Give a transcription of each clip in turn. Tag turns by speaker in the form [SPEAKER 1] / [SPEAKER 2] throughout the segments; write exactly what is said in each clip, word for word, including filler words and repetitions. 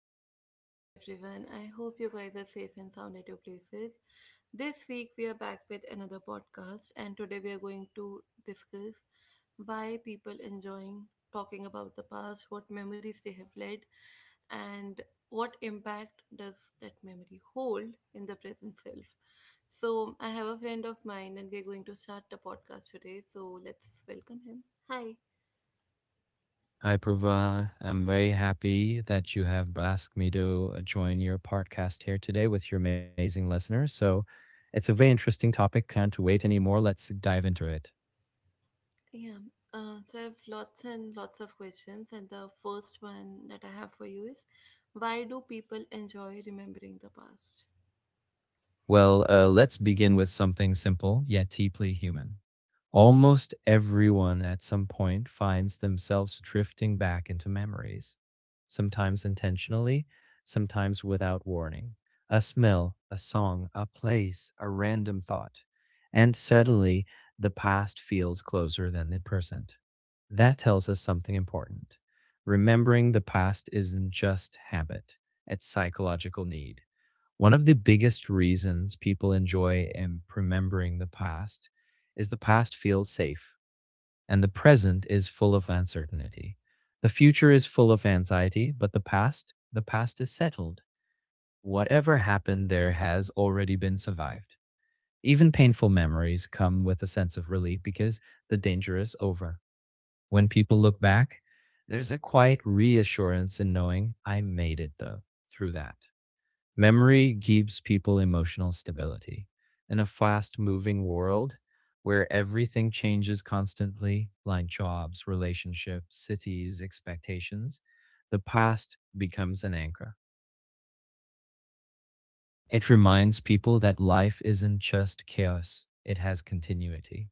[SPEAKER 1] warm good morning to everyone. I hope you guys are safe and sound at your places. This week we are back with another podcast and today we are going to discuss why people enjoying talking about the past, what memories they have led, and what impact does that memory hold in the present self. So I have a friend of mine and we are going to start the podcast today. So let's welcome him. Hi.
[SPEAKER 2] Hi, Prabha. I'm very happy that you have asked me to uh, join your podcast here today with your amazing listeners. So, it's a very interesting topic. Can't wait anymore. Let's dive into it.
[SPEAKER 1] Yeah. Uh, so I have lots and lots of questions, and the first one that I have for you is, why do people enjoy remembering the past?
[SPEAKER 2] Well, uh, let's begin with something simple yet deeply human. Almost everyone at some point finds themselves drifting back into memories, sometimes intentionally, sometimes without warning. A smell, a song, a place, a random thought. And suddenly, the past feels closer than the present. That tells us something important. Remembering the past isn't just habit, it's psychological need. One of the biggest reasons people enjoy and remembering the past is the past feels safe, and the present is full of uncertainty. The future is full of anxiety, but the past, the past is settled. Whatever happened there has already been survived. Even painful memories come with a sense of relief because the danger is over. When people look back, there's a quiet reassurance in knowing I made it though through that. Memory gives people emotional stability. In a fast moving world where everything changes constantly, like jobs, relationships, cities, expectations, the past becomes an anchor. It reminds people that life isn't just chaos, it has continuity.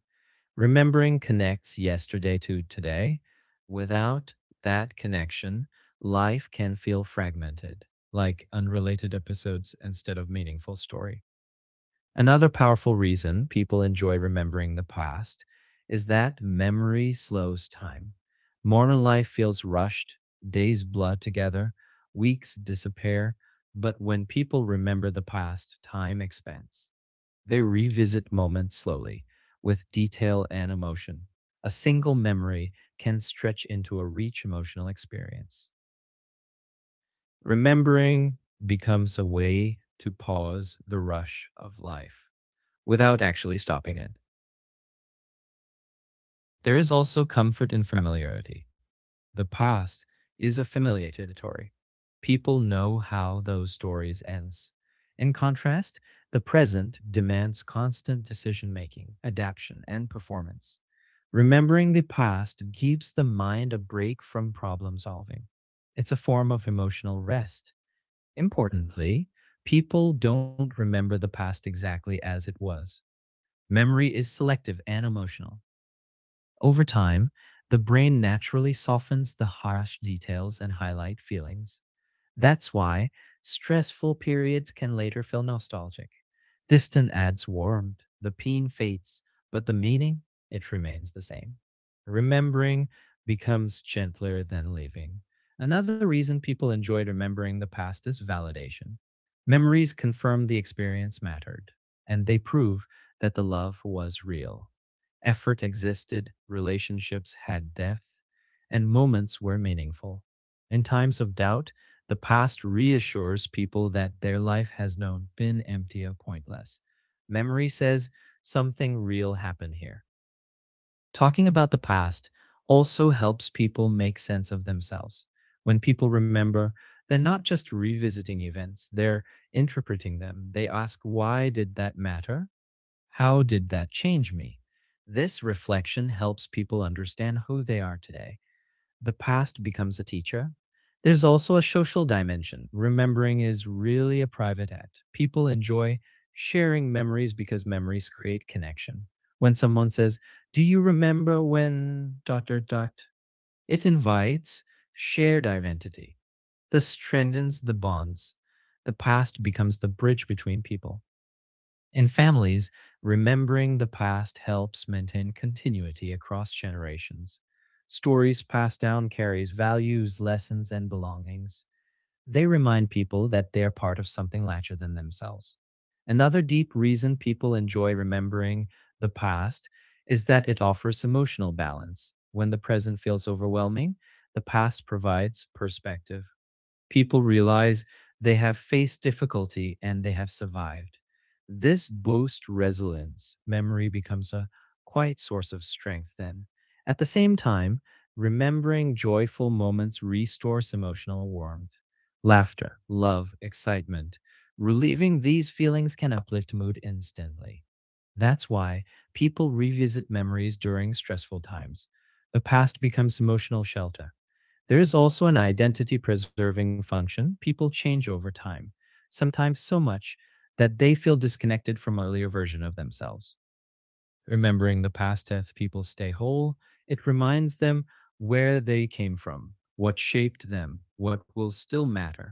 [SPEAKER 2] Remembering connects yesterday to today. Without that connection, life can feel fragmented, like unrelated episodes instead of meaningful story. Another powerful reason people enjoy remembering the past is that memory slows time. Modern life feels rushed, days blur together, weeks disappear, but when people remember the past, time expands. They revisit moments slowly, with detail and emotion. A single memory can stretch into a rich emotional experience. Remembering becomes a way to pause the rush of life without actually stopping it. There is also comfort in familiarity. The past is a familiar territory. People know how those stories ends. In contrast, the present demands constant decision making, adaptation, and performance. Remembering the past gives the mind a break from problem solving. It's a form of emotional rest. Importantly, people don't remember the past exactly as it was. Memory is selective and emotional. Over time, the brain naturally softens the harsh details and highlight feelings. That's why stressful periods can later feel nostalgic. Distant adds warmth, the pain fades, but the meaning, it remains the same. Remembering becomes gentler than leaving. Another reason people enjoy remembering the past is validation. Memories confirm the experience mattered, and they prove that the love was real. Effort existed, relationships had depth, and moments were meaningful. In times of doubt, the past reassures people that their life has not been empty or pointless. Memory says something real happened here. Talking about the past also helps people make sense of themselves. When people remember, they're not just revisiting events, they're interpreting them. They ask, why did that matter? How did that change me? This reflection helps people understand who they are today. The past becomes a teacher. There's also a social dimension. Remembering is really a private act. People enjoy sharing memories because memories create connection. When someone says, do you remember when dot dot dot? It invites shared identity. This strengthens the bonds. The past becomes the bridge between people. In families, remembering the past helps maintain continuity across generations. Stories passed down carries values, lessons, and belongings. They remind people that they're part of something larger than themselves. Another deep reason people enjoy remembering the past is that it offers emotional balance. When the present feels overwhelming, the past provides perspective, people realize they have faced difficulty and they have survived. This boasts resilience. Memory becomes a quiet source of strength then. At the same time, remembering joyful moments restores emotional warmth. Laughter, love, excitement. Relieving these feelings can uplift mood instantly. That's why people revisit memories during stressful times. The past becomes emotional shelter. There is also an identity preserving function. People change over time, sometimes so much that they feel disconnected from earlier version of themselves. Remembering the past hath people stay whole. It reminds them where they came from, what shaped them, what will still matter.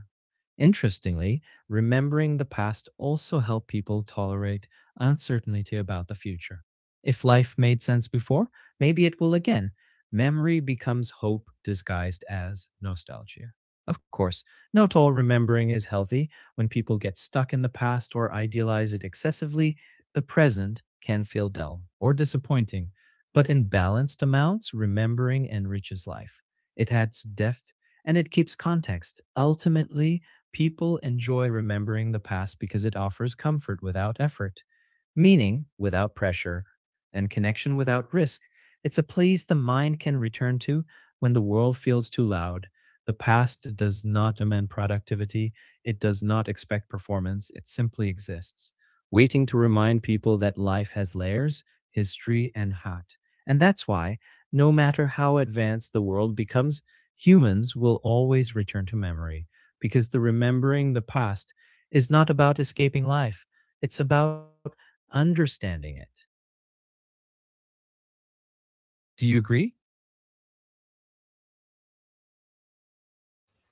[SPEAKER 2] Interestingly, remembering the past also helps people tolerate uncertainty about the future. If life made sense before, maybe it will again. Memory becomes hope disguised as nostalgia. Of course, not all remembering is healthy. When people get stuck in the past or idealize it excessively, the present can feel dull or disappointing, but in balanced amounts, remembering enriches life. It adds depth and it keeps context. Ultimately, people enjoy remembering the past because it offers comfort without effort, meaning without pressure, and connection without risk. It's a place the mind can return to when the world feels too loud. The past does not demand productivity, it does not expect performance, it simply exists waiting to remind people that life has layers, history, and heart. And that's why, no matter how advanced the world becomes, humans will always return to memory, because the remembering the past is not about escaping life, it's about understanding it. Do you agree?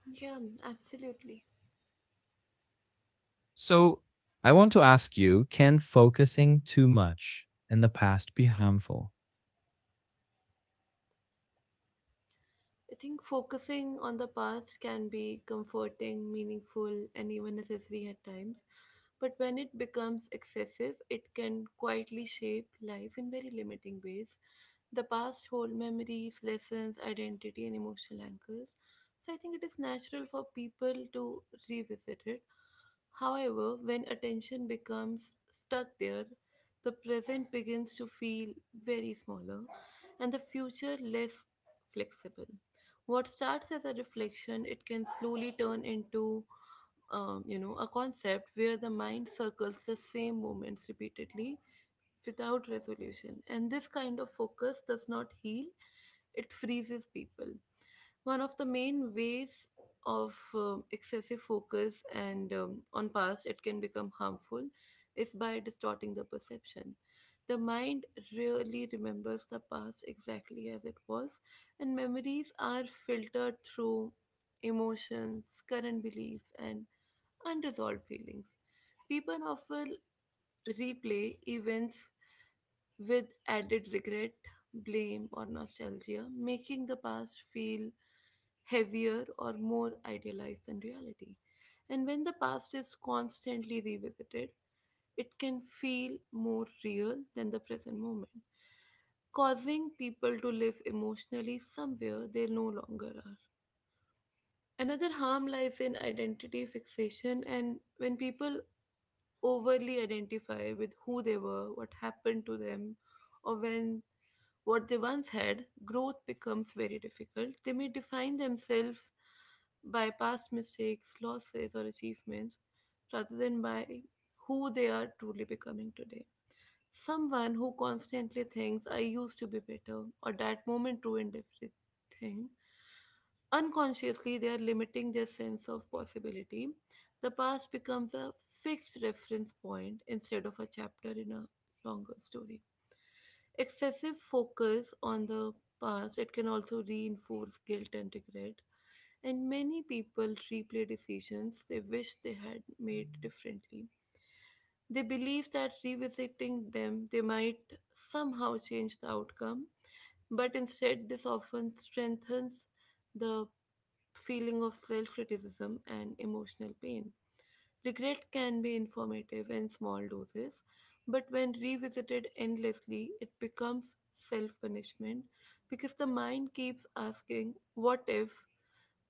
[SPEAKER 1] Yeah, absolutely.
[SPEAKER 2] So, I want to ask you, can focusing too much in the past be harmful?
[SPEAKER 1] I think focusing on the past can be comforting, meaningful, and even necessary at times. But when it becomes excessive, it can quietly shape life in very limiting ways. The past hold memories, lessons, identity, and emotional anchors. So I think it is natural for people to revisit it. However, when attention becomes stuck there, the present begins to feel very smaller and the future less flexible. What starts as a reflection, it can slowly turn into um, you know a concept where the mind circles the same moments repeatedly without resolution. And this kind of focus does not heal, it freezes people. One of the main ways of um, excessive focus and um, on past it can become harmful is by distorting the perception. The mind really remembers the past exactly as it was, and memories are filtered through emotions, current beliefs, and unresolved feelings. People often replay events with added regret, blame, or nostalgia, making the past feel heavier or more idealized than reality. And when the past is constantly revisited, it can feel more real than the present moment, causing people to live emotionally somewhere they no longer are. Another harm lies in identity fixation, and when people overly identify with who they were, what happened to them, or when what they once had, growth becomes very difficult. They may define themselves by past mistakes, losses, or achievements rather than by who they are truly becoming today. Someone who constantly thinks, I used to be better, or that moment ruined everything. Unconsciously, they are limiting their sense of possibility. The past becomes a fixed reference point instead of a chapter in a longer story. Excessive focus on the past it can also reinforce guilt and regret, and many people replay decisions they wish they had made differently. They believe that revisiting them they might somehow change the outcome, but instead this often strengthens the feeling of self-criticism and emotional pain. Regret can be informative in small doses, but when revisited endlessly, it becomes self punishment because the mind keeps asking what if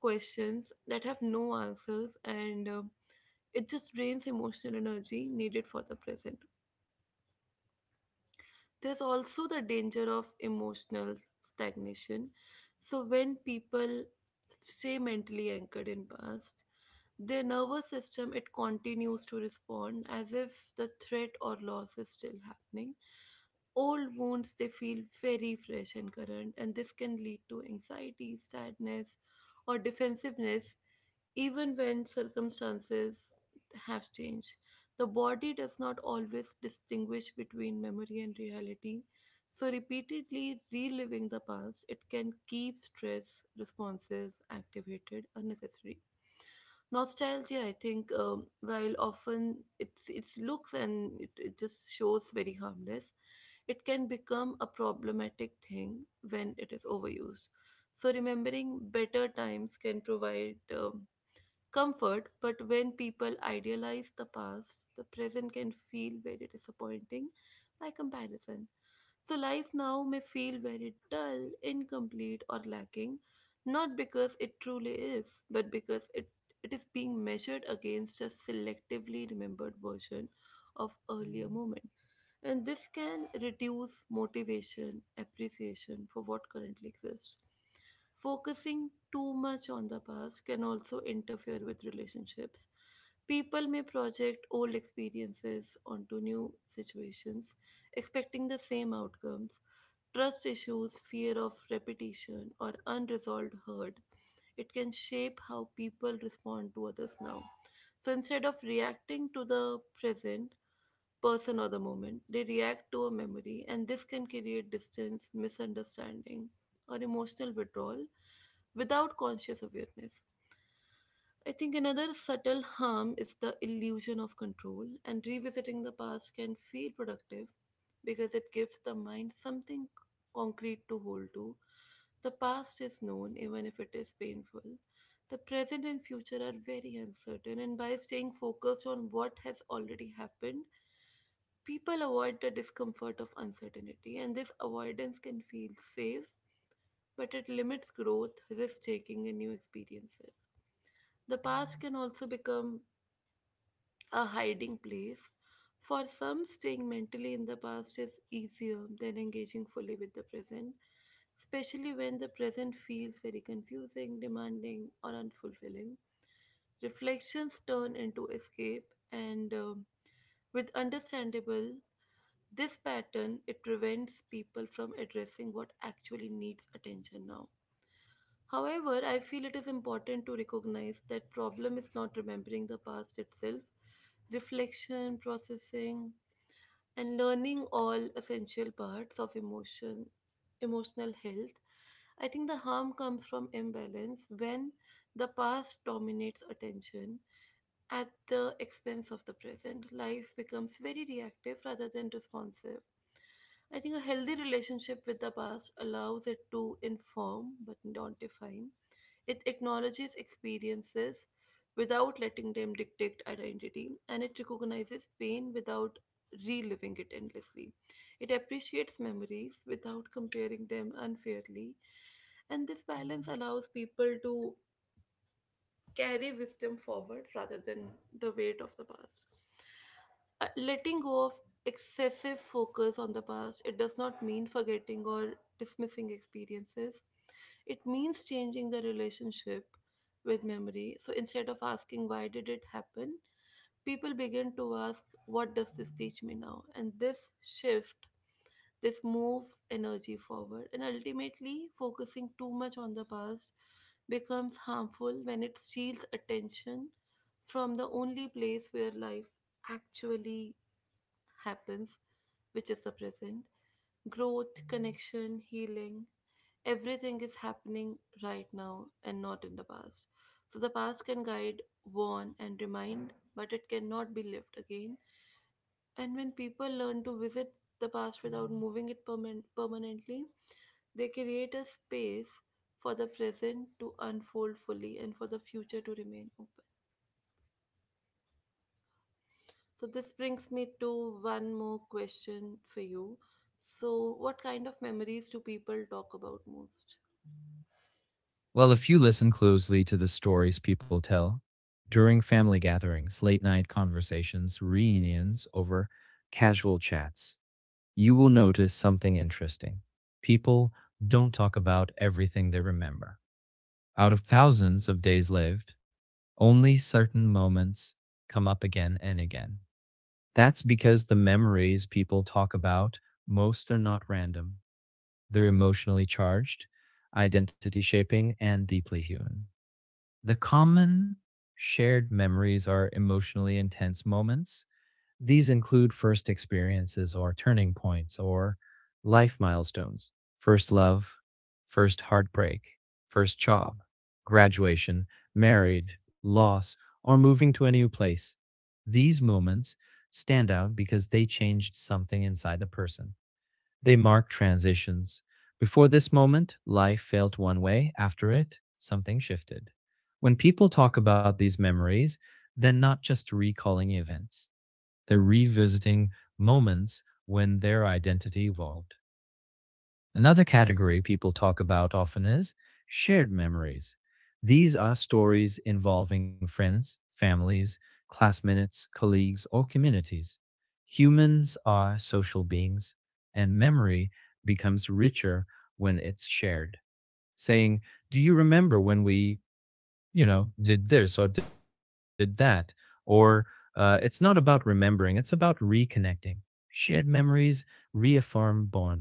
[SPEAKER 1] questions that have no answers, and um, it just drains emotional energy needed for the present. There's also the danger of emotional stagnation. So when people stay mentally anchored in past, their nervous system it continues to respond as if the threat or loss is still happening. Old wounds they feel very fresh and current, and this can lead to anxiety, sadness, or defensiveness even when circumstances have changed, the body does not always distinguish between memory and reality. So, repeatedly reliving the past, it can keep stress responses activated unnecessary. Nostalgia, I think, um, while often it's its looks and it, it just shows very harmless, it can become a problematic thing when it is overused. So remembering better times can provide um, comfort, but when people idealize the past, the present can feel very disappointing by comparison. So, life now may feel very dull, incomplete, or lacking, not because it truly is, but because it, it is being measured against a selectively remembered version of earlier moments. And this can reduce motivation, appreciation for what currently exists. Focusing too much on the past can also interfere with relationships. People may project old experiences onto new situations, expecting the same outcomes. Trust issues, fear of repetition, or unresolved hurt, it can shape how people respond to others now. So instead of reacting to the present, person or the moment. They react to a memory, and this can create distance, misunderstanding, or emotional withdrawal without conscious awareness. I think another subtle harm is the illusion of control, and revisiting the past can feel productive because it gives the mind something concrete to hold to. The past is known, even if it is painful. The present and future are very uncertain, and by staying focused on what has already happened, people avoid the discomfort of uncertainty, and this avoidance can feel safe, but it limits growth, risk taking, and new experiences. The past can also become a hiding place. For some, staying mentally in the past is easier than engaging fully with the present, especially when the present feels very confusing, demanding, or unfulfilling reflections turn into escape and um, with understandable this pattern it prevents people from addressing what actually needs attention now. However, I feel it is important to recognize that problem is not remembering the past itself. Reflection, processing, and learning all essential parts of emotion emotional health. I think the harm comes from imbalance when the past dominates attention at the expense of the present life becomes very reactive rather than responsive. I think a healthy relationship with the past allows it to inform but not define. It acknowledges experiences without letting them dictate identity, and it recognizes pain without reliving it endlessly. It appreciates memories without comparing them unfairly. And this balance allows people to carry wisdom forward rather than the weight of the past. Uh, letting go of excessive focus on the past, it does not mean forgetting or dismissing experiences. It means changing the relationship with memory. So instead of asking why did it happen, people begin to ask what does this teach me now? And this shift this moves energy forward, and ultimately, focusing too much on the past becomes harmful when it steals attention from the only place where life actually happens, which is the present. Growth, connection, healing, everything is happening right now and not in the past. So the past can guide, warn, and remind, but it cannot be lived again, and when people learn to visit the past without moving it perman- permanently, they create a space for the present to unfold fully and for the future to remain open. So, this brings me to one more question for you. So, what kind of memories do people talk about most?
[SPEAKER 2] Well, if you listen closely to the stories people tell during family gatherings, late night conversations, reunions, over casual chats, you will notice something interesting. People don't talk about everything they remember. Out of thousands of days lived, only certain moments come up again and again. That's because the memories people talk about most are not random, they're emotionally charged, identity shaping, and deeply human. The common shared memories are emotionally intense moments. These include first experiences or turning points or life milestones, first love, first heartbreak, first job, graduation, married, loss, or moving to a new place. These moments stand out because they changed something inside the person. They mark transitions. Before this moment, life felt one way. After it, something shifted. When people talk about these memories, they're not just recalling events, they're revisiting moments when their identity evolved. Another category people talk about often is shared memories. These are stories involving friends, families, classmates, colleagues, or communities. Humans are social beings, and memory becomes richer when it's shared. Saying, do you remember when we, you know, did this or did that? Or uh, it's not about remembering, it's about reconnecting. Shared memories reaffirm bonds.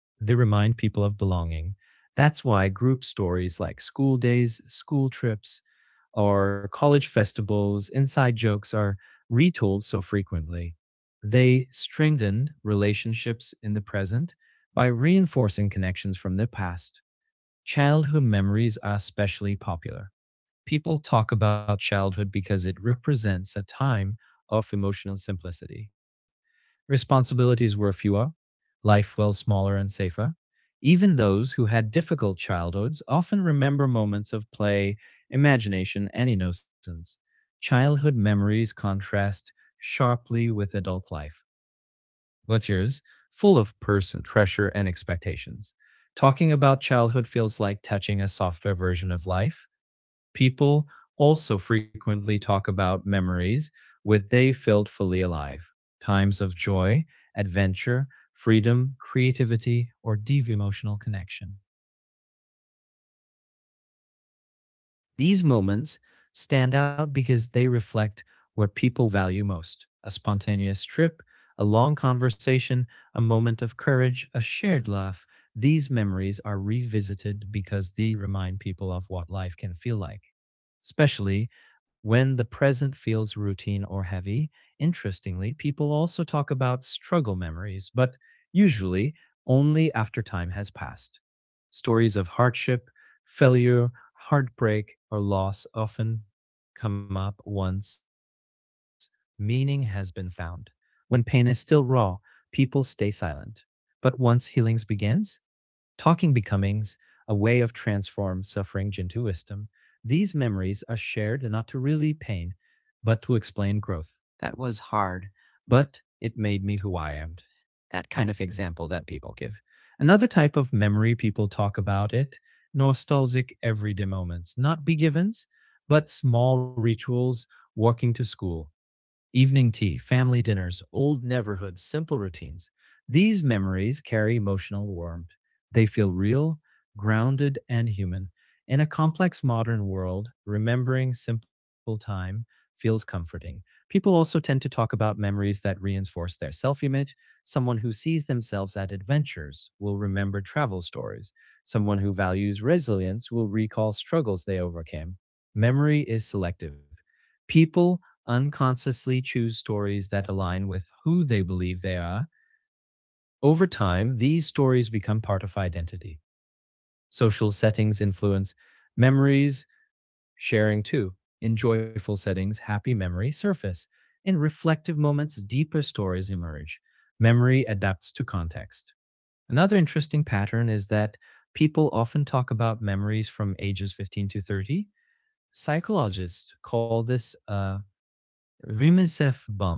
[SPEAKER 2] They remind people of belonging. That's why group stories like school days, school trips, or college festivals, inside jokes are retold so frequently. They strengthen relationships in the present by reinforcing connections from the past. Childhood memories are especially popular. People talk about childhood because it represents a time of emotional simplicity. Responsibilities were fewer, life well smaller and safer. Even those who had difficult childhoods often remember moments of play, imagination, and innocence. Childhood memories contrast sharply with adult life, which is full of personal pressure and expectations. Talking about childhood feels like touching a softer version of life. People also frequently talk about memories with they felt fully alive, times of joy, adventure, freedom, creativity, or deep emotional connection. These moments stand out because they reflect what people value most, a spontaneous trip, a long conversation, a moment of courage, a shared laugh. These memories are revisited because they remind people of what life can feel like, especially when the present feels routine or heavy. Interestingly, people also talk about struggle memories, but usually only after time has passed. Stories of hardship, failure, heartbreak, or loss often come up once meaning has been found. When pain is still raw, people stay silent. But once healing begins, talking becomings, a way of transform suffering into wisdom. These memories are shared not to relieve pain, but to explain growth. That was hard, but it made me who I am. That kind of example that people give. Another type of memory people talk about it, nostalgic everyday moments, not be givens, but small rituals, walking to school, evening tea, family dinners, old neighborhoods, simple routines. These memories carry emotional warmth. They feel real, grounded, and human. In a complex modern world, remembering simple time feels comforting. People also tend to talk about memories that reinforce their self image. Someone who sees themselves at adventures will remember travel stories. Someone who values resilience will recall struggles they overcame. Memory is selective. People unconsciously choose stories that align with who they believe they are. Over time, these stories become part of identity. Social settings influence memories, sharing too. In joyful settings, happy memories surface. In reflective moments, deeper stories emerge. Memory adapts to context. Another interesting pattern is that people often talk about memories from ages fifteen to thirty. Psychologists call this a reminiscence bump.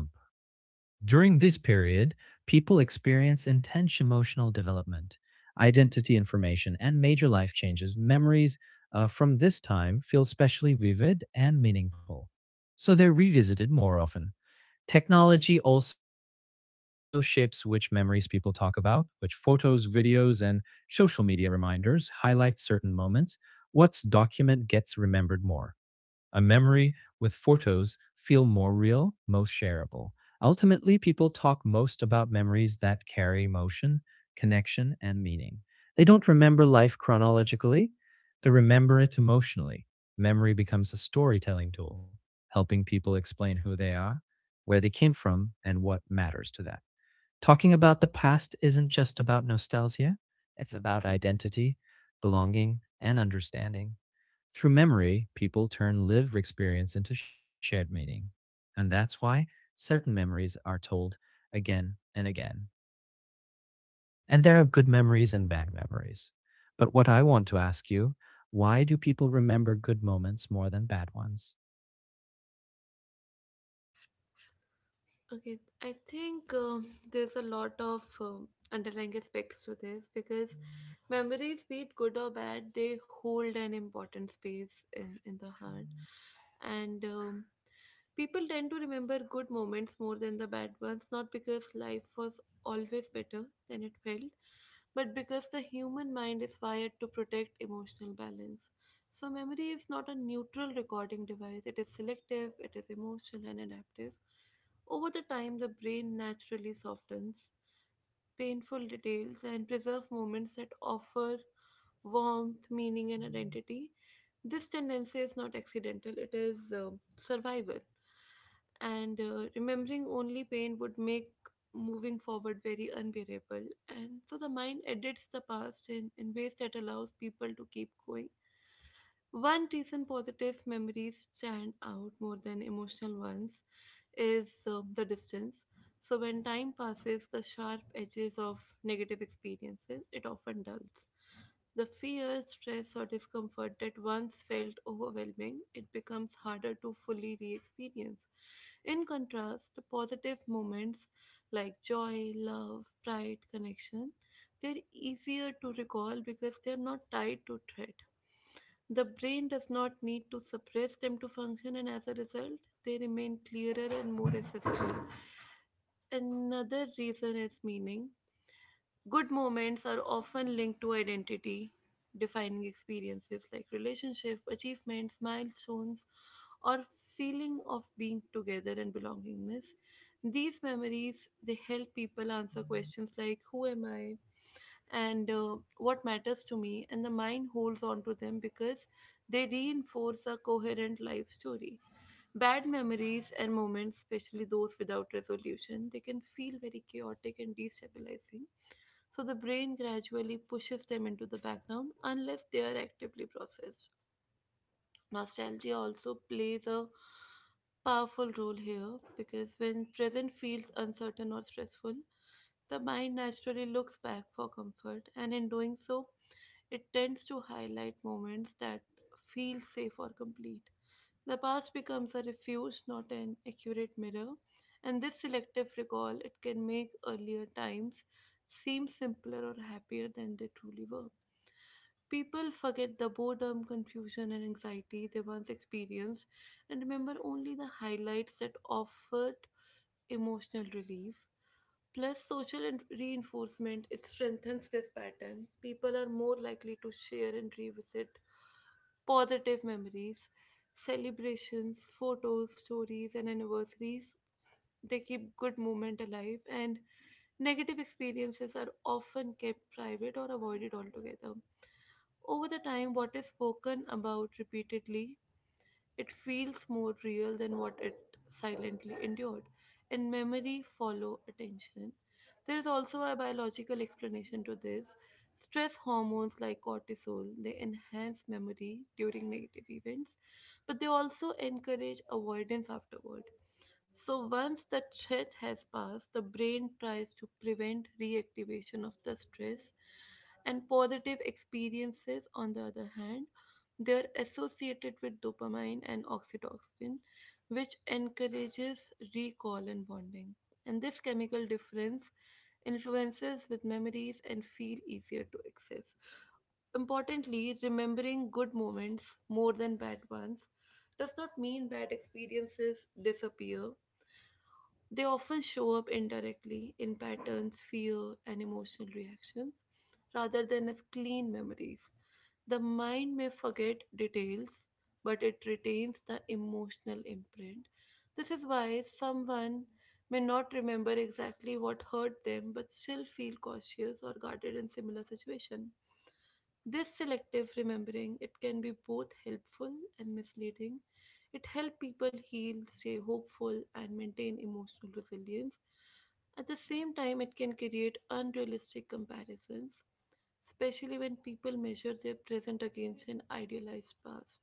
[SPEAKER 2] During this period, people experience intense emotional development, identity information, and major life changes. Memories uh, from this time feel especially vivid and meaningful, so they're revisited more often. Technology also shapes which memories people talk about, which photos, videos, and social media reminders highlight certain moments. What's documented gets remembered more. A memory with photos feel more real, most shareable. Ultimately, people talk most about memories that carry emotion, connection, and meaning. They don't remember life chronologically, they remember it emotionally. Memory becomes a storytelling tool, helping people explain who they are, where they came from, and what matters to them. Talking about the past isn't just about nostalgia, it's about identity, belonging, and understanding. Through memory, people turn lived experience into shared meaning. And that's why certain memories are told again and again. And there are good memories and bad memories. But what I want to ask you, why do people remember good moments more than bad ones?
[SPEAKER 1] Okay, I think um, there's a lot of um, underlying aspects to this because memories, be it good or bad, they hold an important space in, in the heart. And um, People tend to remember good moments more than the bad ones, not because life was always better than it felt, but because the human mind is wired to protect emotional balance. So, memory is not a neutral recording device, it is selective, it is emotional, and adaptive. Over the time, the brain naturally softens painful details and preserves moments that offer warmth, meaning, and identity. This tendency is not accidental, it is uh, survival. And uh, Remembering only pain would make moving forward very unbearable. And so the mind edits the past in, in ways that allows people to keep going. One reason positive memories stand out more than emotional ones is um, the distance. So when time passes, the sharp edges of negative experiences, it often dulls. The fear, stress, or discomfort that once felt overwhelming, it becomes harder to fully re experience. In contrast, positive moments like joy, love, pride, connection, they're easier to recall because they're not tied to threat. The brain does not need to suppress them to function, and as a result, they remain clearer and more accessible. Another reason is meaning. Good moments are often linked to identity defining experiences like relationship, achievements, milestones, or feeling of being together and belongingness. These memories they help people answer questions like who am I? and uh, what matters to me, and the mind holds on to them because they reinforce a coherent life story. Bad memories and moments, especially those without resolution, they can feel very chaotic and destabilizing. So the brain gradually pushes them into the background unless they are actively processed. Nostalgia also plays a powerful role here because when present feels uncertain or stressful, the mind naturally looks back for comfort, and in doing so, it tends to highlight moments that feel safe or complete. The past becomes a refuge, not an accurate mirror, and this selective recall it can make earlier times seem simpler or happier than they truly were. People forget the boredom, confusion, and anxiety they once experienced and remember only the highlights that offered emotional relief. Plus, social in- reinforcement, it strengthens this pattern. People are more likely to share and revisit positive memories, celebrations, photos, stories, and anniversaries. They keep good moment alive, and negative experiences are often kept private or avoided altogether. Over the time, what is spoken about repeatedly it feels more real than what it silently endured. And memory follow attention. There is also a biological explanation to this. Stress hormones like cortisol, they enhance memory during negative events, but they also encourage avoidance afterward. So once the threat has passed, the brain tries to prevent reactivation of the stress. And positive experiences, on the other hand, they're associated with dopamine and oxytocin, which encourages recall and bonding. And this chemical difference influences with memories and feel easier to access. Importantly, remembering good moments more than bad ones does not mean bad experiences disappear. They often show up indirectly in patterns, fear, and emotional reactions rather than as clean memories. The mind may forget details, but it retains the emotional imprint. This is why someone may not remember exactly what hurt them but still feel cautious or guarded in similar situations. This selective remembering it can be both helpful and misleading. It helps people heal, stay hopeful, and maintain emotional resilience. At the same time, it can create unrealistic comparisons, especially when people measure their present against an idealized past.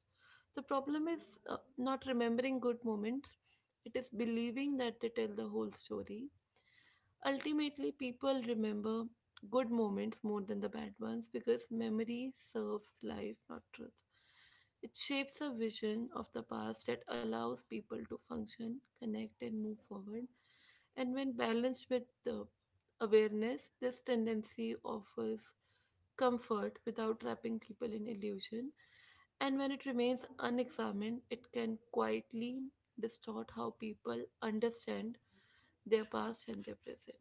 [SPEAKER 1] The problem is uh, not remembering good moments, it is believing that they tell the whole story. Ultimately, people remember good moments more than the bad ones because memory serves life, not truth. It shapes a vision of the past that allows people to function, connect, and move forward. And when balanced with the awareness, this tendency offers comfort without trapping people in illusion. And when it remains unexamined, it can quietly distort how people understand their past and their present.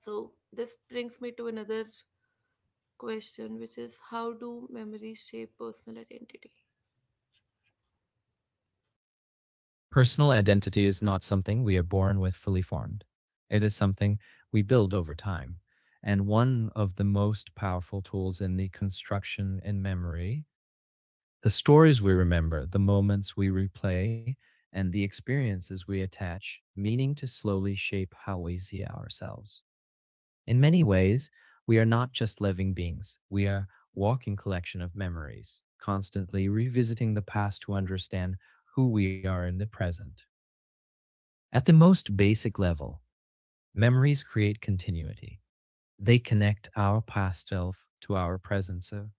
[SPEAKER 1] So, this brings me to another question, which is how do memories shape personal identity?
[SPEAKER 2] Personal identity is not something we are born with fully formed, it is something we build over time. And one of the most powerful tools in the construction in memory, the stories we remember, the moments we replay, and the experiences we attach meaning to slowly shape how we see ourselves. In many ways, we are not just living beings, we are a walking collection of memories, constantly revisiting the past to understand who we are in the present. At the most basic level, memories create continuity. They connect our past self to our present self.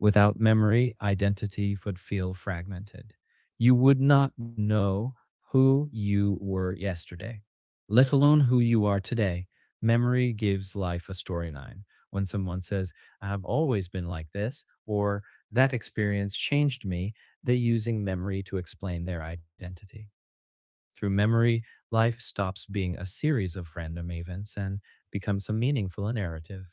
[SPEAKER 2] Without memory, identity would feel fragmented. You would not know who you were yesterday, let alone who you are today. Memory gives life a storyline. When someone says, I have always been like this, or that experience changed me, they're using memory to explain their identity. Through memory, life stops being a series of random events and becomes a meaningful narrative.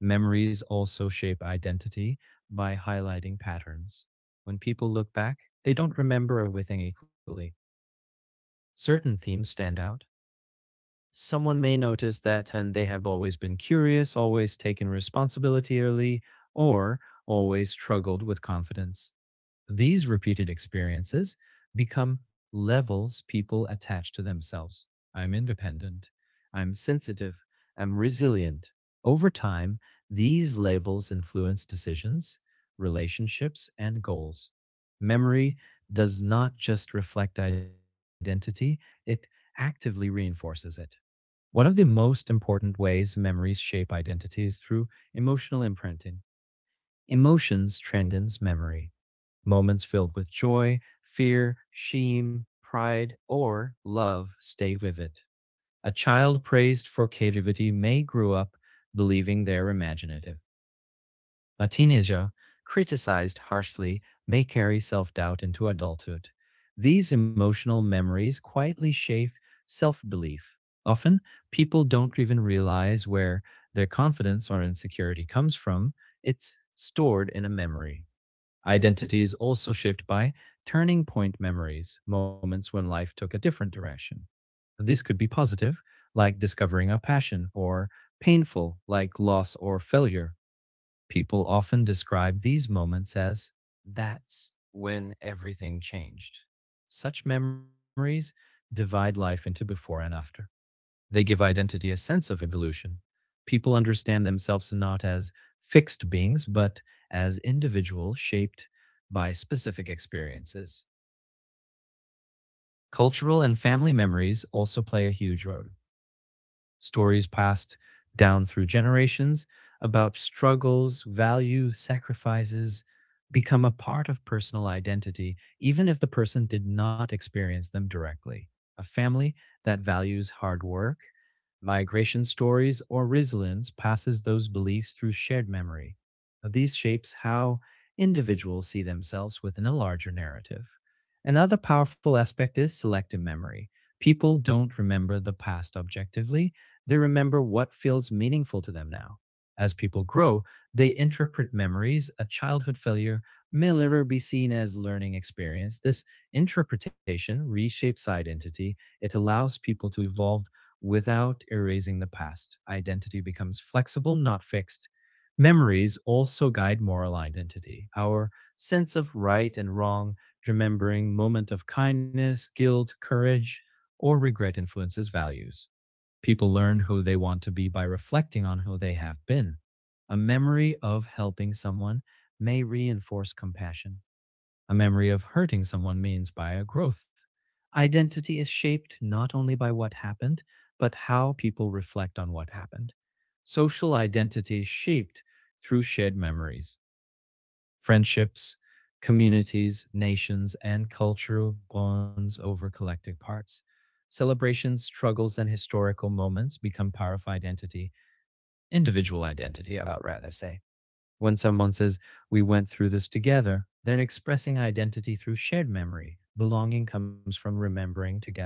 [SPEAKER 2] Memories also shape identity by highlighting patterns. When people look back, they don't remember everything equally. Certain themes stand out. Someone may notice that and they have always been curious, always taken responsibility early, or always struggled with confidence. These repeated experiences become levels people attach to themselves. I'm independent. I'm sensitive. I'm resilient. Over time, these labels influence decisions, relationships, and goals. Memory does not just reflect identity, it actively reinforces it. One of the most important ways memories shape identity is through emotional imprinting. Emotions transcends memory. Moments filled with joy, fear, shame, pride, or love stay vivid. A child praised for creativity may grow up believing they're imaginative. A teenager criticized harshly may carry self doubt into adulthood. These emotional memories quietly shape self belief. Often, people don't even realize where their confidence or insecurity comes from, it's stored in a memory. Identities also shift by turning point memories, moments when life took a different direction. This could be positive, like discovering a passion, or painful, like loss or failure. People often describe these moments as, that's when everything changed. Such memories divide life into before and after. They give identity a sense of evolution. People understand themselves not as fixed beings, but as individuals shaped by specific experiences. Cultural and family memories also play a huge role. Stories passed down through generations about struggles, values, sacrifices become a part of personal identity, even if the person did not experience them directly. A family that values hard work, migration stories, or resilience passes those beliefs through shared memory. These shapes how individuals see themselves within a larger narrative. Another powerful aspect is selective memory. People don't remember the past objectively, they remember what feels meaningful to them now. As people grow, they interpret memories, a childhood failure may never be seen as learning experience. This interpretation reshapes identity. It allows people to evolve without erasing the past. Identity becomes flexible, not fixed. Memories also guide moral identity, our sense of right and wrong. Remembering moment of kindness, guilt, courage, or regret influences values. People learn who they want to be by reflecting on who they have been. A memory of helping someone may reinforce compassion. A memory of hurting someone means by a growth. Identity is shaped not only by what happened, but how people reflect on what happened. Social identity is shaped through shared memories, friendships, communities, nations, and cultural bonds over collective parts. Celebrations, struggles, and historical moments become power of identity, individual identity, I would rather say. When someone says, we went through this together, they're expressing identity through shared memory. Belonging comes from remembering together.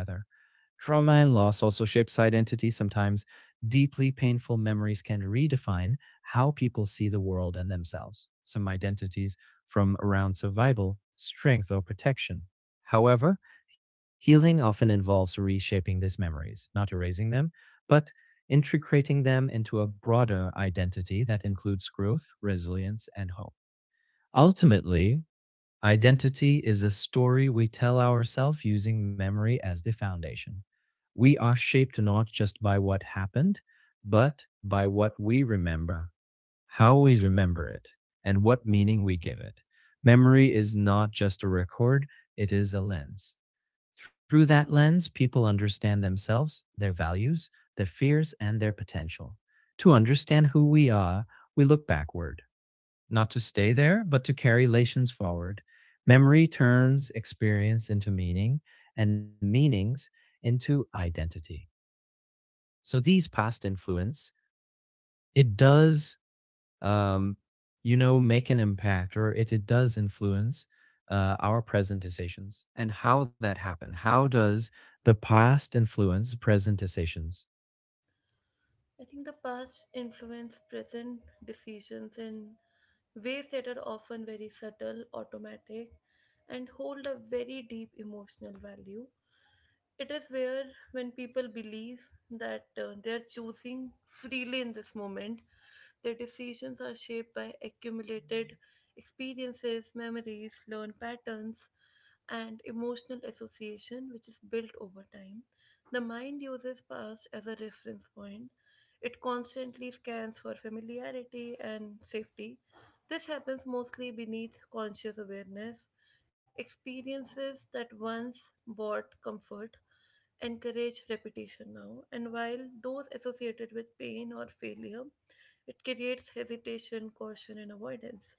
[SPEAKER 2] Trauma and loss also shapes identity sometimes. Deeply painful memories can redefine how people see the world and themselves. Some identities from around survival, strength, or protection. However, healing often involves reshaping these memories, not erasing them, but integrating them into a broader identity that includes growth, resilience, and hope. Ultimately, identity is a story we tell ourselves using memory as the foundation. We are shaped not just by what happened, but by what we remember, how we remember it, and what meaning we give it. Memory is not just a record, it is a lens. Through that lens, people understand themselves, their values, their fears, and their potential. To understand who we are, we look backward, not to stay there, but to carry relations forward. Memory turns experience into meaning, and meanings into identity. So these past influence, it does, um, you know, make an impact, or it, it does influence uh, our present decisions and how that happen. How does the past influence present decisions?
[SPEAKER 1] I think the past influence present decisions in ways that are often very subtle, automatic, and hold a very deep emotional value. It is where, when people believe that uh, they are choosing freely in this moment, their decisions are shaped by accumulated experiences, memories, learned patterns, and emotional association, which is built over time. The mind uses past as a reference point. It constantly scans for familiarity and safety. This happens mostly beneath conscious awareness. Experiences that once brought comfort encourage repetition now, and while those associated with pain or failure, it creates hesitation, caution, and avoidance.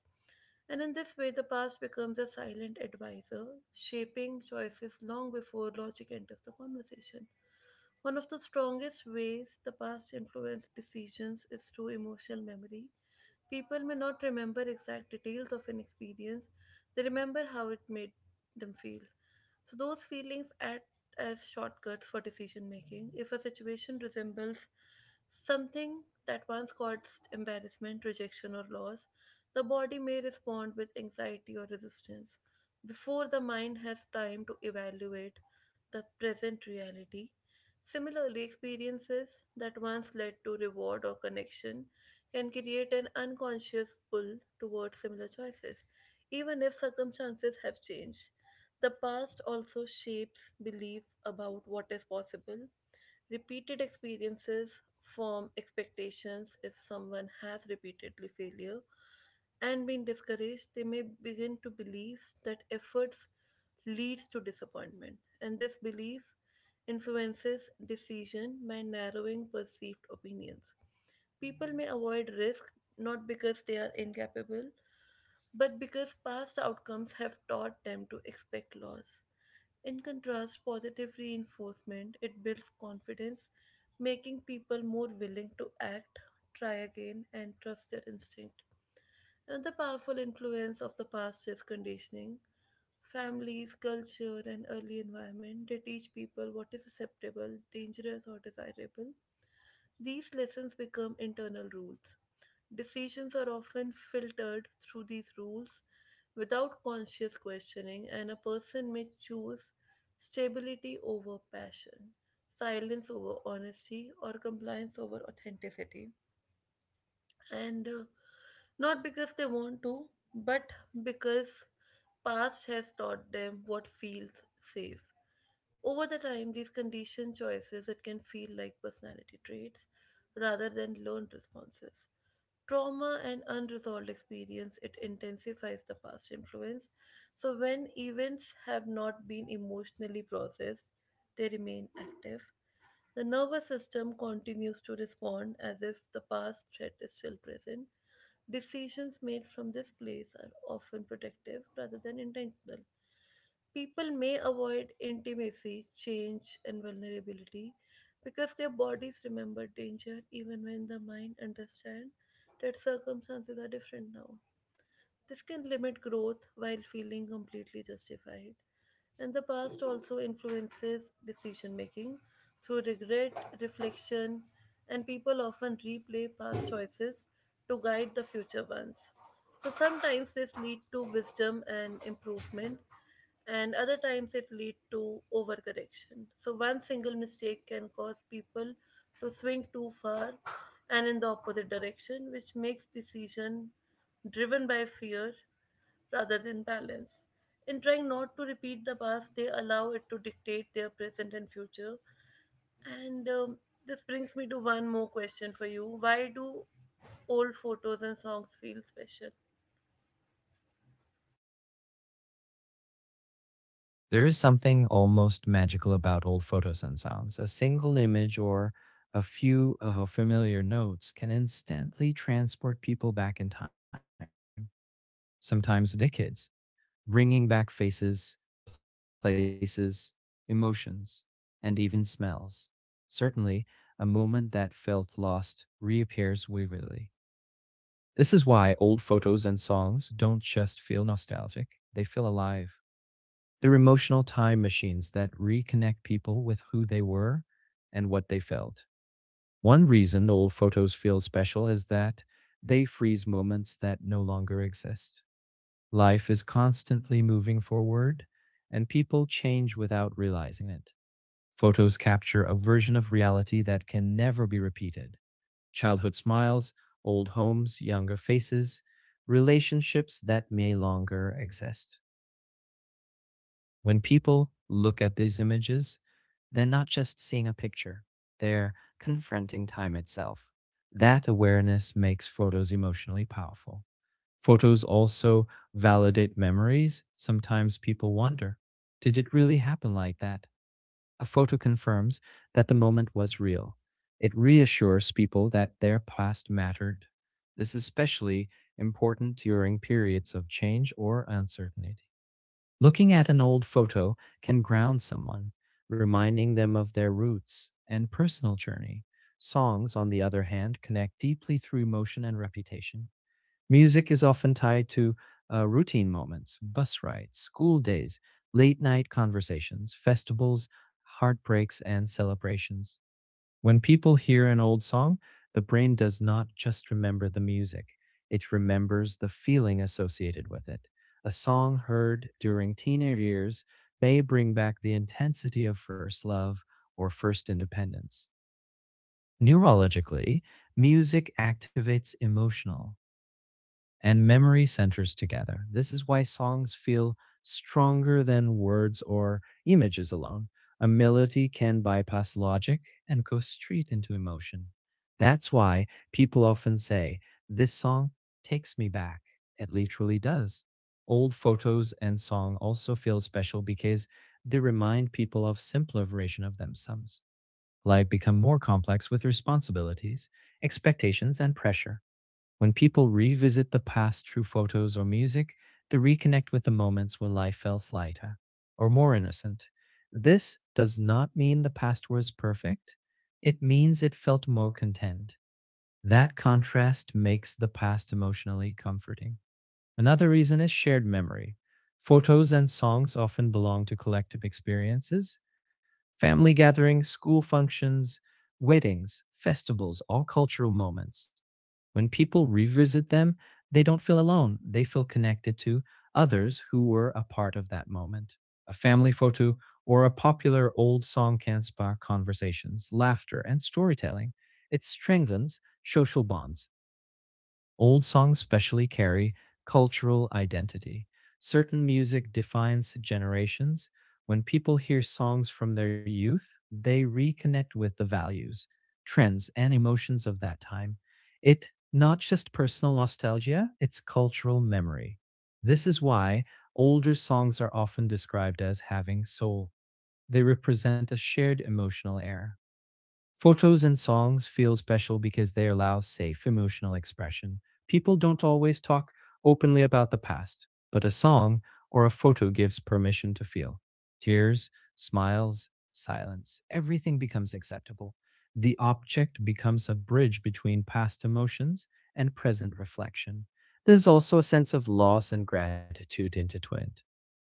[SPEAKER 1] And in this way, the past becomes a silent advisor, shaping choices long before logic enters the conversation. One of the strongest ways the past influences decisions is through emotional memory. People may not remember exact details of an experience, they remember how it made them feel. So those feelings act as shortcuts for decision making. If a situation resembles something that once caused embarrassment, rejection, or loss, the body may respond with anxiety or resistance. Before the mind has time to evaluate the present reality. Similarly, experiences that once led to reward or connection can create an unconscious pull towards similar choices, even if circumstances have changed. The past also shapes belief about what is possible. Repeated experiences form expectations. If someone has repeatedly failure and been discouraged, they may begin to believe that efforts leads to disappointment, and this belief influences decision by narrowing perceived opinions. People may avoid risk not because they are incapable, but because past outcomes have taught them to expect loss. In contrast, positive reinforcement it builds confidence, making people more willing to act, try again, and trust their instinct. Another powerful influence of the past is conditioning. Families, culture, and early environment they teach people what is acceptable, dangerous, or desirable. These lessons become internal rules. Decisions are often filtered through these rules without conscious questioning, and a person may choose stability over passion, silence over honesty, or compliance over authenticity. And uh, not because they want to, but because past has taught them what feels safe. Over the time, these conditioned choices it can feel like personality traits rather than learned responses. Trauma and unresolved experience it intensifies the past influence. So when events have not been emotionally processed, they remain active. The nervous system continues to respond as if the past threat is still present. Decisions made from this place are often protective rather than intentional. People may avoid intimacy, change, and vulnerability because their bodies remember danger even when the mind understands that circumstances are different now. This can limit growth while feeling completely justified. And the past also influences decision making through regret, reflection, and people often replay past choices to guide the future ones. So sometimes this lead to wisdom and improvement, and other times it lead to overcorrection. So one single mistake can cause people to swing too far and in the opposite direction, which makes decision driven by fear rather than balance. In trying not to repeat the past, they allow it to dictate their present and future. And um, this brings me to one more question for you. Why do old photos and songs feel special?
[SPEAKER 2] There is something almost magical about old photos and sounds. A single image or a few uh, familiar notes can instantly transport people back in time, sometimes decades, bringing back faces, places, emotions, and even smells. Certainly, a moment that felt lost reappears vividly. This is why old photos and songs don't just feel nostalgic, they feel alive. They're emotional time machines that reconnect people with who they were and what they felt. One reason old photos feel special is that they freeze moments that no longer exist. Life is constantly moving forward, and people change without realizing it. Photos capture a version of reality that can never be repeated. Childhood smiles, old homes, younger faces, relationships that may longer exist. When people look at these images, they're not just seeing a picture, they're confronting time itself. That awareness makes photos emotionally powerful. Photos also validate memories. Sometimes people wonder, did it really happen like that? A photo confirms that the moment was real. It reassures people that their past mattered. This is especially important during periods of change or uncertainty. Looking at an old photo can ground someone, reminding them of their roots and personal journey. Songs, on the other hand, connect deeply through emotion and reputation. Music is often tied to uh, routine moments, bus rides, school days, late night conversations, festivals, heartbreaks, and celebrations. When people hear an old song, the brain does not just remember the music, it remembers the feeling associated with it. A song heard during teenage years may bring back the intensity of first love or first independence. Neurologically, music activates emotional and memory centers together. This is why songs feel stronger than words or images alone. A melody can bypass logic and go straight into emotion. That's why people often say, this song takes me back. It literally does. Old photos and song also feel special because they remind people of simpler version of themselves. Life become more complex with responsibilities, expectations, and pressure. When people revisit the past through photos or music, they reconnect with the moments where life felt lighter or more innocent. This does not mean the past was perfect. It means it felt more content. That contrast makes the past emotionally comforting. Another reason is shared memory. Photos and songs often belong to collective experiences. Family gatherings, school functions, weddings, festivals, all cultural moments. When people revisit them, they don't feel alone. They feel connected to others who were a part of that moment. A family photo or a popular old song can spark conversations, laughter, and storytelling. It strengthens social bonds. Old songs specially carry cultural identity. Certain music defines generations. When people hear songs from their youth, they reconnect with the values, trends, and emotions of that time. It's not just personal nostalgia, it's cultural memory. This is why older songs are often described as having soul. They represent a shared emotional era. Photos and songs feel special because they allow safe emotional expression. People don't always talk openly about the past, but a song or a photo gives permission to feel. Tears, smiles, silence, everything becomes acceptable. The object becomes a bridge between past emotions and present reflection. There's also a sense of loss and gratitude intertwined.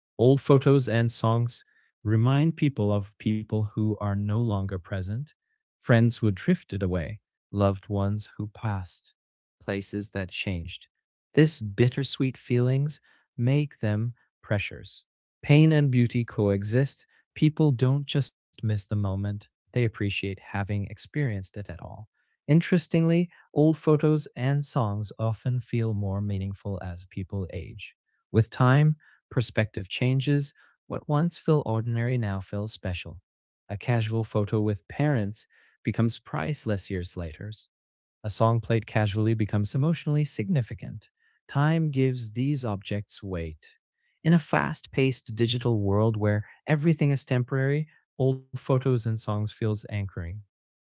[SPEAKER 2] Old photos and songs remind people of people who are no longer present, friends who drifted away, loved ones who passed, places that changed. This bittersweet feelings make them pressures. Pain and beauty coexist. People don't just miss the moment, they appreciate having experienced it at all. Interestingly, old photos and songs often feel more meaningful as people age. With time, perspective changes. What once felt ordinary now feels special. A casual photo with parents becomes priceless years later. A song played casually becomes emotionally significant. Time gives these objects weight. In a fast paced digital world where everything is temporary, old photos and songs feels anchoring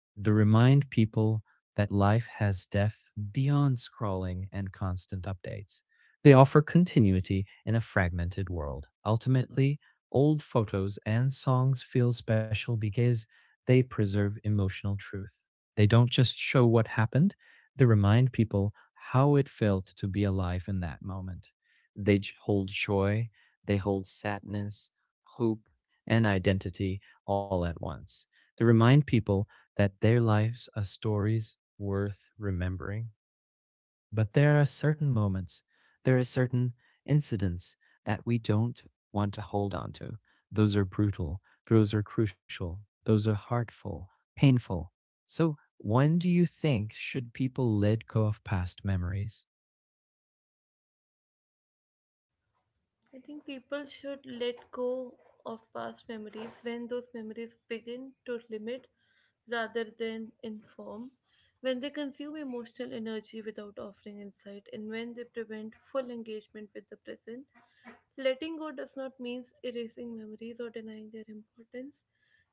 [SPEAKER 2] to remind people that life has depth beyond scrolling and constant updates. They offer continuity in a fragmented world. Ultimately, old photos and songs feel special because they preserve emotional truth. They don't just show what happened, they remind people how it felt to be alive in that moment. They hold joy, they hold sadness, hope, and identity all at once. They remind people that their lives are stories worth remembering. But there are certain moments, there are certain incidents that we don't want to hold on to. Those are brutal, those are crucial, those are heartful, painful. So, when do you think should people let go of past memories?
[SPEAKER 1] I think people should let go of past memories when those memories begin to limit rather than inform, when they consume emotional energy without offering insight, and when they prevent full engagement with the present. Letting go does not mean erasing memories or denying their importance.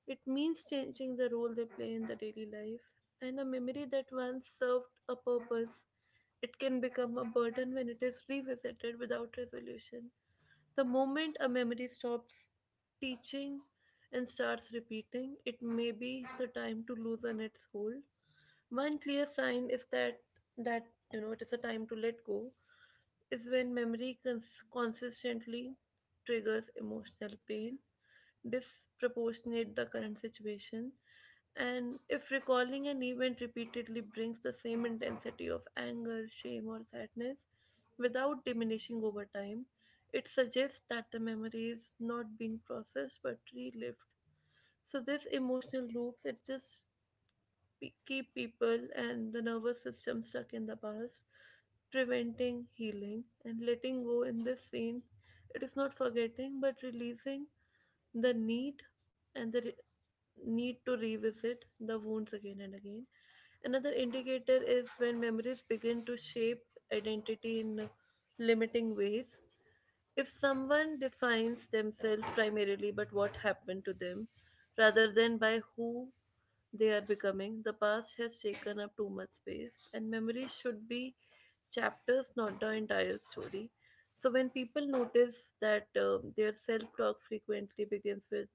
[SPEAKER 1] It means changing the role they play in the daily life. And a memory that once served a purpose, it can become a burden when it is revisited without resolution. The moment a memory stops teaching and starts repeating, it may be the time to loosen its hold. One clear sign is that that you know it is a time to let go is when memory cons- consistently triggers emotional pain, disproportionate the current situation, and if recalling an event repeatedly brings the same intensity of anger, shame, or sadness without diminishing over time, it suggests that the memory is not being processed but relived. So this emotional loops it just pe- keep people and the nervous system stuck in the past, preventing healing and letting go. In this scene, it is not forgetting but releasing the need and the re- need to revisit the wounds again and again. Another indicator is when memories begin to shape identity in limiting ways. If someone defines themselves primarily by what happened to them rather than by who they are becoming, the past has taken up too much space, and memory should be chapters, not the entire story. So, when people notice that um, their self talk frequently begins with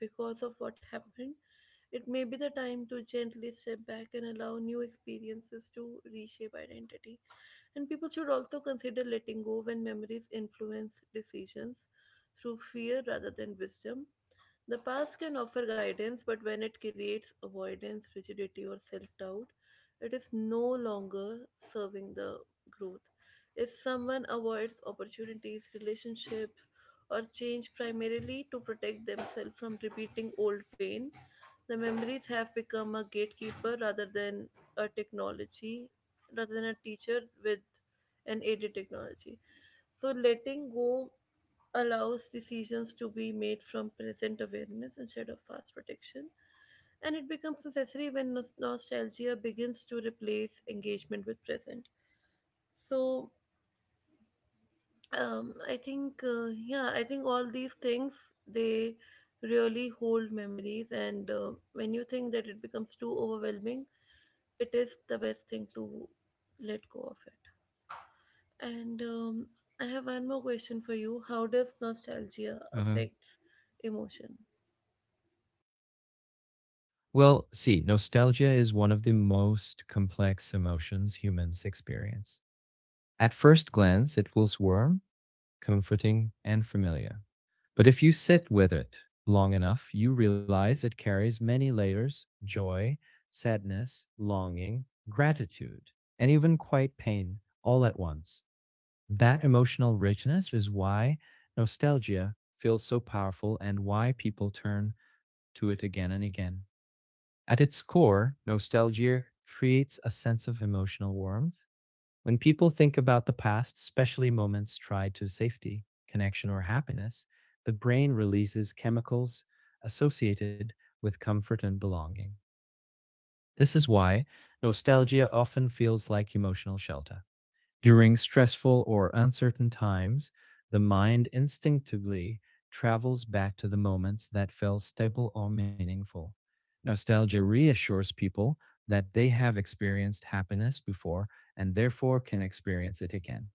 [SPEAKER 1] because of what happened, it may be the time to gently step back and allow new experiences to reshape identity. And people should also consider letting go when memories influence decisions through fear rather than wisdom. The past can offer guidance, but when it creates avoidance, rigidity, or self doubt, it is no longer serving the growth. If someone avoids opportunities, relationships, or change primarily to protect themselves from repeating old pain, the memories have become a gatekeeper rather than a technology, rather than a teacher with an aided technology. So letting go allows decisions to be made from present awareness instead of past protection. And it becomes necessary when nos- nostalgia begins to replace engagement with present. So um, I think, uh, yeah, I think all these things, they really hold memories. And uh, when you think that it becomes too overwhelming, it is the best thing to let go of it. And um, I have one more question for you. How does nostalgia
[SPEAKER 2] Uh-huh.
[SPEAKER 1] affects emotion?
[SPEAKER 2] Well, see, nostalgia is one of the most complex emotions humans experience. At first glance, it feels warm, comforting, and familiar. But if you sit with it long enough, you realize it carries many layers joy, sadness, longing, gratitude, and even quite pain all at once. That emotional richness is why nostalgia feels so powerful and why people turn to it again and again. At its core, nostalgia creates a sense of emotional warmth when people think about the past, especially moments tied to safety, connection, or happiness, the brain releases chemicals associated with comfort and belonging. This is why nostalgia often feels like emotional shelter. During stressful or uncertain times, the mind instinctively travels back to the moments that felt stable or meaningful. Nostalgia reassures people that they have experienced happiness before and therefore can experience it again.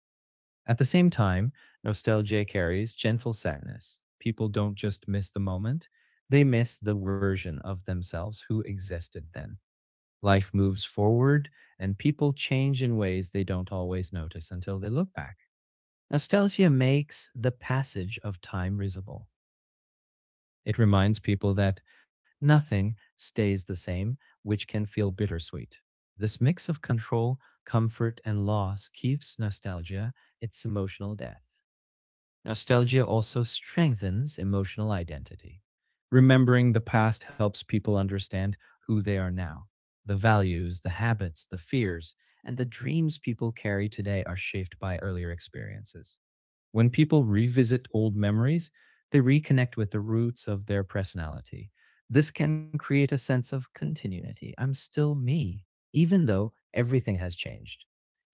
[SPEAKER 2] At the same time, nostalgia carries gentle sadness. People don't just miss the moment, they miss the version of themselves who existed then. Life moves forward, and people change in ways they don't always notice until they look back. Nostalgia makes the passage of time visible. It reminds people that nothing stays the same, which can feel bittersweet. This mix of control, comfort, and loss keeps nostalgia its emotional death. Nostalgia also strengthens emotional identity. Remembering the past helps people understand who they are now. The values, the habits, the fears, and the dreams people carry today are shaped by earlier experiences. When people revisit old memories, they reconnect with the roots of their personality. This can create a sense of continuity. I'm still me, even though everything has changed.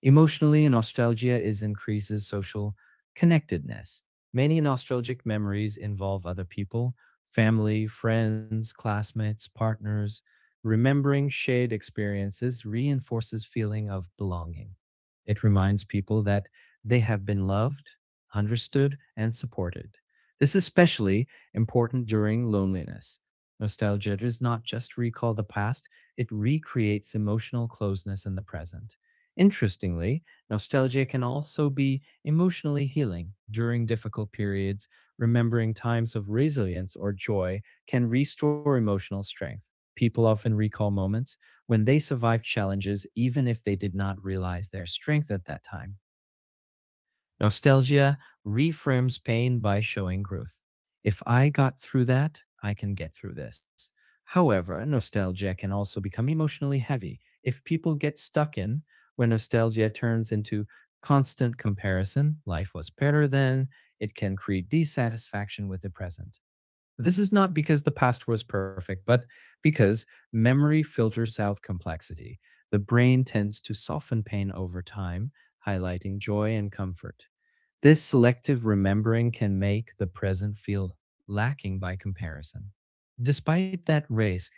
[SPEAKER 2] Emotionally, nostalgia is increases social connectedness. Many nostalgic memories involve other people, family, friends, classmates, partners. Remembering shared experiences reinforces feeling of belonging. It reminds people that they have been loved, understood, and supported. This is especially important during loneliness. Nostalgia does not just recall the past, it recreates emotional closeness in the present. Interestingly, nostalgia can also be emotionally healing during difficult periods. Remembering times of resilience or joy can restore emotional strength. People often recall moments when they survived challenges, even if they did not realize their strength at that time. Nostalgia reframes pain by showing growth. If I got through that, I can get through this. However, nostalgia can also become emotionally heavy if people get stuck in where nostalgia turns into constant comparison, life was better then, it can create dissatisfaction with the present. This is not because the past was perfect, but because memory filters out complexity. The brain tends to soften pain over time, highlighting joy and comfort. This selective remembering can make the present feel lacking by comparison. Despite that risk,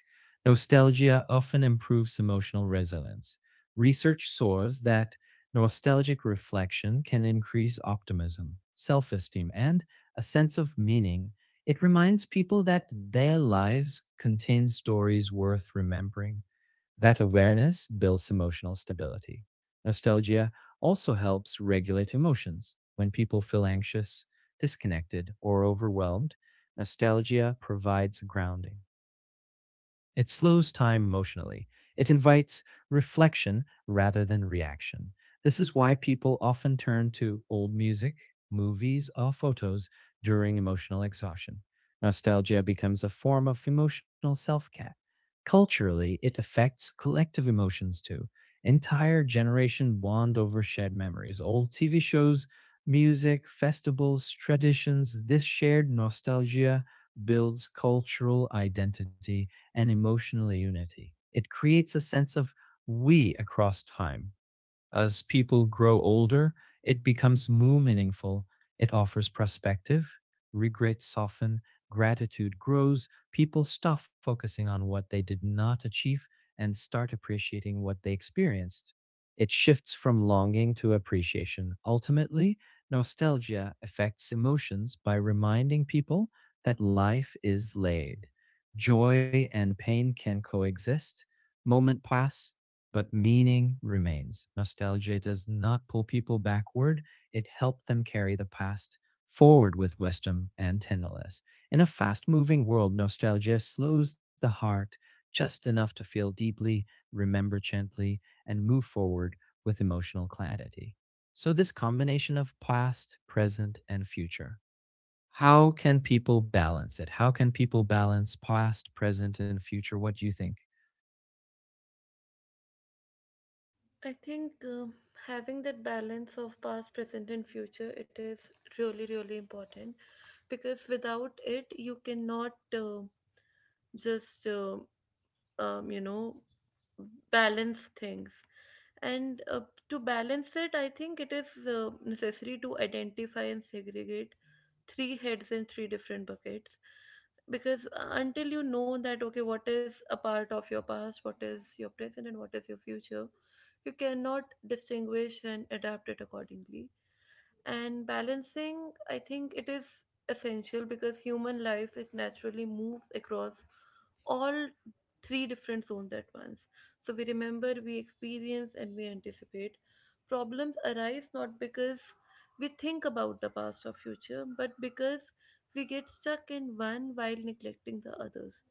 [SPEAKER 2] nostalgia often improves emotional resilience. Research shows that nostalgic reflection can increase optimism, self esteem, and a sense of meaning. It reminds people that their lives contain stories worth remembering. That awareness builds emotional stability. Nostalgia also helps regulate emotions. When people feel anxious, disconnected, or overwhelmed, nostalgia provides grounding. It slows time emotionally. It invites reflection rather than reaction. This is why people often turn to old music, movies, or photos during emotional exhaustion. Nostalgia becomes a form of emotional self care. Culturally, it affects collective emotions too. Entire generations bond over shared memories. Old T V shows, music, festivals, traditions, this shared nostalgia builds cultural identity and emotional unity. It creates a sense of we across time. As people grow older, it becomes more meaningful. It offers perspective, regrets soften, gratitude grows, people stop focusing on what they did not achieve and start appreciating what they experienced. It shifts from longing to appreciation. Ultimately, nostalgia affects emotions by reminding people that life is layered. Joy and pain can coexist, moment pass, but meaning remains. Nostalgia does not pull people backward, it helped them carry the past forward with wisdom and tenderness. In a fast moving world, nostalgia slows the heart just enough to feel deeply, remember gently, and move forward with emotional clarity. So, this combination of past, present, and future. How can people balance it? How can people balance past, present, and future? What do you think?
[SPEAKER 1] I think um, having that balance of past, present, and future it is really really important because without it you cannot uh, just uh, um, you know balance things, and uh, to balance it I think it is uh, necessary to identify and segregate three heads in three different buckets. Because uh, until you know that, okay, what is a part of your past, what is your present, and what is your future, you cannot distinguish and adapt it accordingly. And balancing, I think, it is essential because human life it naturally moves across all three different zones at once. So we remember, we experience, and we anticipate. Problems arise not because we think about the past or future but because we get stuck in one while neglecting the others.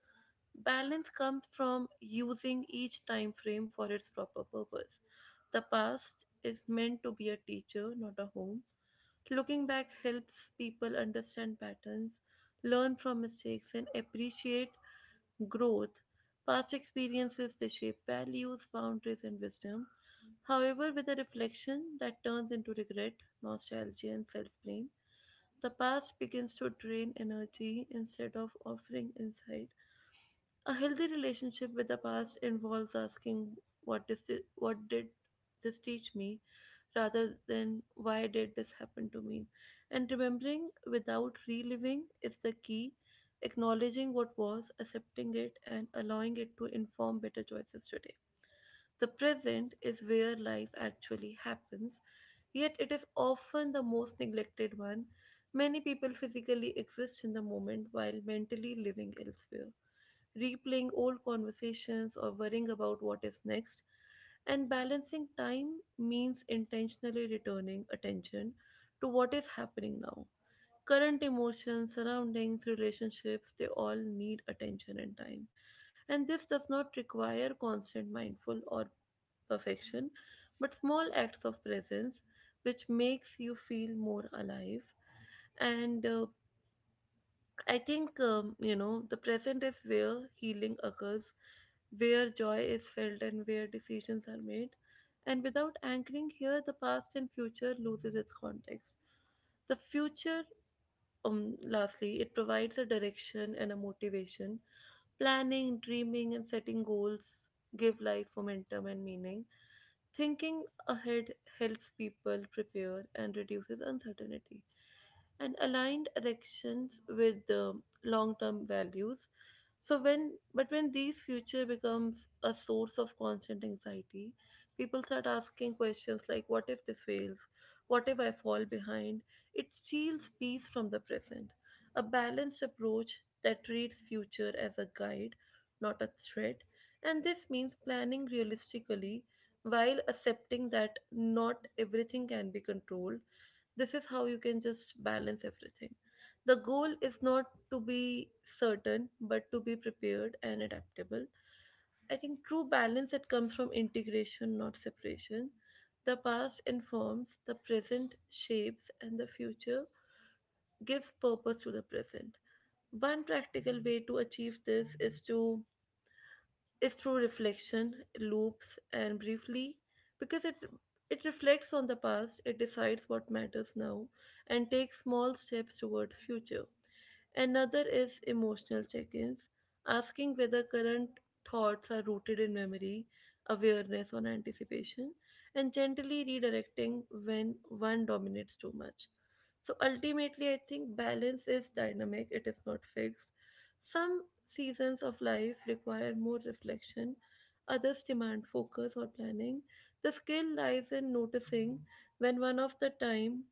[SPEAKER 1] Balance comes from using each time frame for its proper purpose. The past is meant to be a teacher, not a home. Looking back helps people understand patterns, learn from mistakes, and appreciate growth. Past experiences they shape values, boundaries, and wisdom. However, with a reflection that turns into regret, nostalgia, and self blame, the past begins to drain energy instead of offering insight. A healthy relationship with the past involves asking what is it, what did this teach me rather than why did this happen to me. And remembering without reliving is the key. Acknowledging what was, accepting it, and allowing it to inform better choices today. The present is where life actually happens, yet it is often the most neglected one. Many people physically exist in the moment while mentally living elsewhere, replaying old conversations or worrying about what is next. And balancing time means intentionally returning attention to what is happening now. Current emotions, surroundings, relationships, they all need attention and time. And this does not require constant mindful or perfection, but small acts of presence which makes you feel more alive. And uh, I think, um, you know, the present is where healing occurs, where joy is felt, and where decisions are made. And without anchoring here, the past and future loses its context. The future, um, lastly, it provides a direction and a motivation. Planning, dreaming, and setting goals give life momentum and meaning. Thinking ahead helps people prepare and reduces uncertainty. And aligned elections with long term values. So when But when these future becomes a source of constant anxiety, people start asking questions like what if this fails? What if I fall behind? It steals peace from the present. A balanced approach that treats future as a guide, not a threat, and this means planning realistically while accepting that not everything can be controlled. This is how you can just balance everything. The goal is not to be certain, but to be prepared and adaptable. I think true balance it comes from integration, not separation. The past informs, the present shapes, and the future gives purpose to the present. One practical way to achieve this is to is through reflection, loops, and briefly, because it it reflects on the past, it decides what matters now, and takes small steps towards future. Another is emotional check ins, asking whether current thoughts are rooted in memory, awareness, or anticipation, and gently redirecting when one dominates too much. So ultimately, I think balance is dynamic, it is not fixed. Some seasons of life require more reflection, others demand focus or planning. The skill lies in noticing when one of the time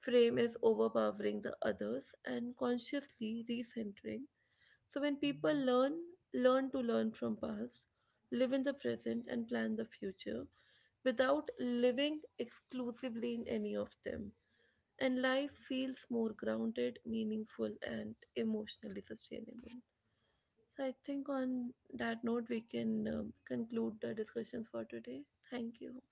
[SPEAKER 1] frame is overpowering the others and consciously recentering. So when people learn, learn to learn from past, live in the present, and plan the future without living exclusively in any of them. And life feels more grounded, meaningful, and emotionally sustainable. So I think on that note we can um, conclude the discussions for today. Thank you.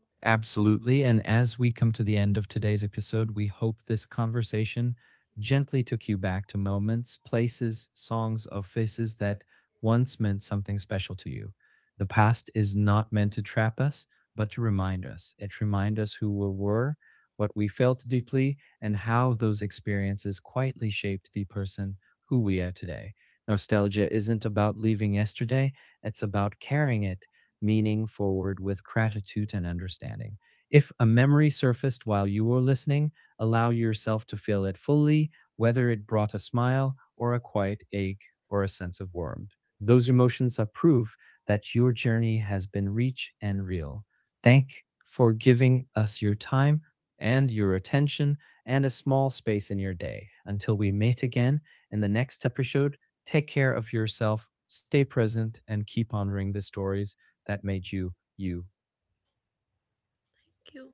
[SPEAKER 2] Absolutely. And as we come to the end of today's episode, we hope this conversation gently took you back to moments, places, songs, or faces that once meant something special to you. The past is not meant to trap us, but to remind us. It reminds us who we were, what we felt deeply, and how those experiences quietly shaped the person who we are today. Nostalgia isn't about leaving yesterday, it's about carrying it meaning forward with gratitude and understanding. If a memory surfaced while you were listening, allow yourself to feel it fully, whether it brought a smile or a quiet ache or a sense of warmth. Those emotions are proof that your journey has been rich and real. Thank you for giving us your time and your attention and a small space in your day. Until we meet again in the next episode, take care of yourself, stay present, and keep honoring the stories that made you you
[SPEAKER 1] Thank you.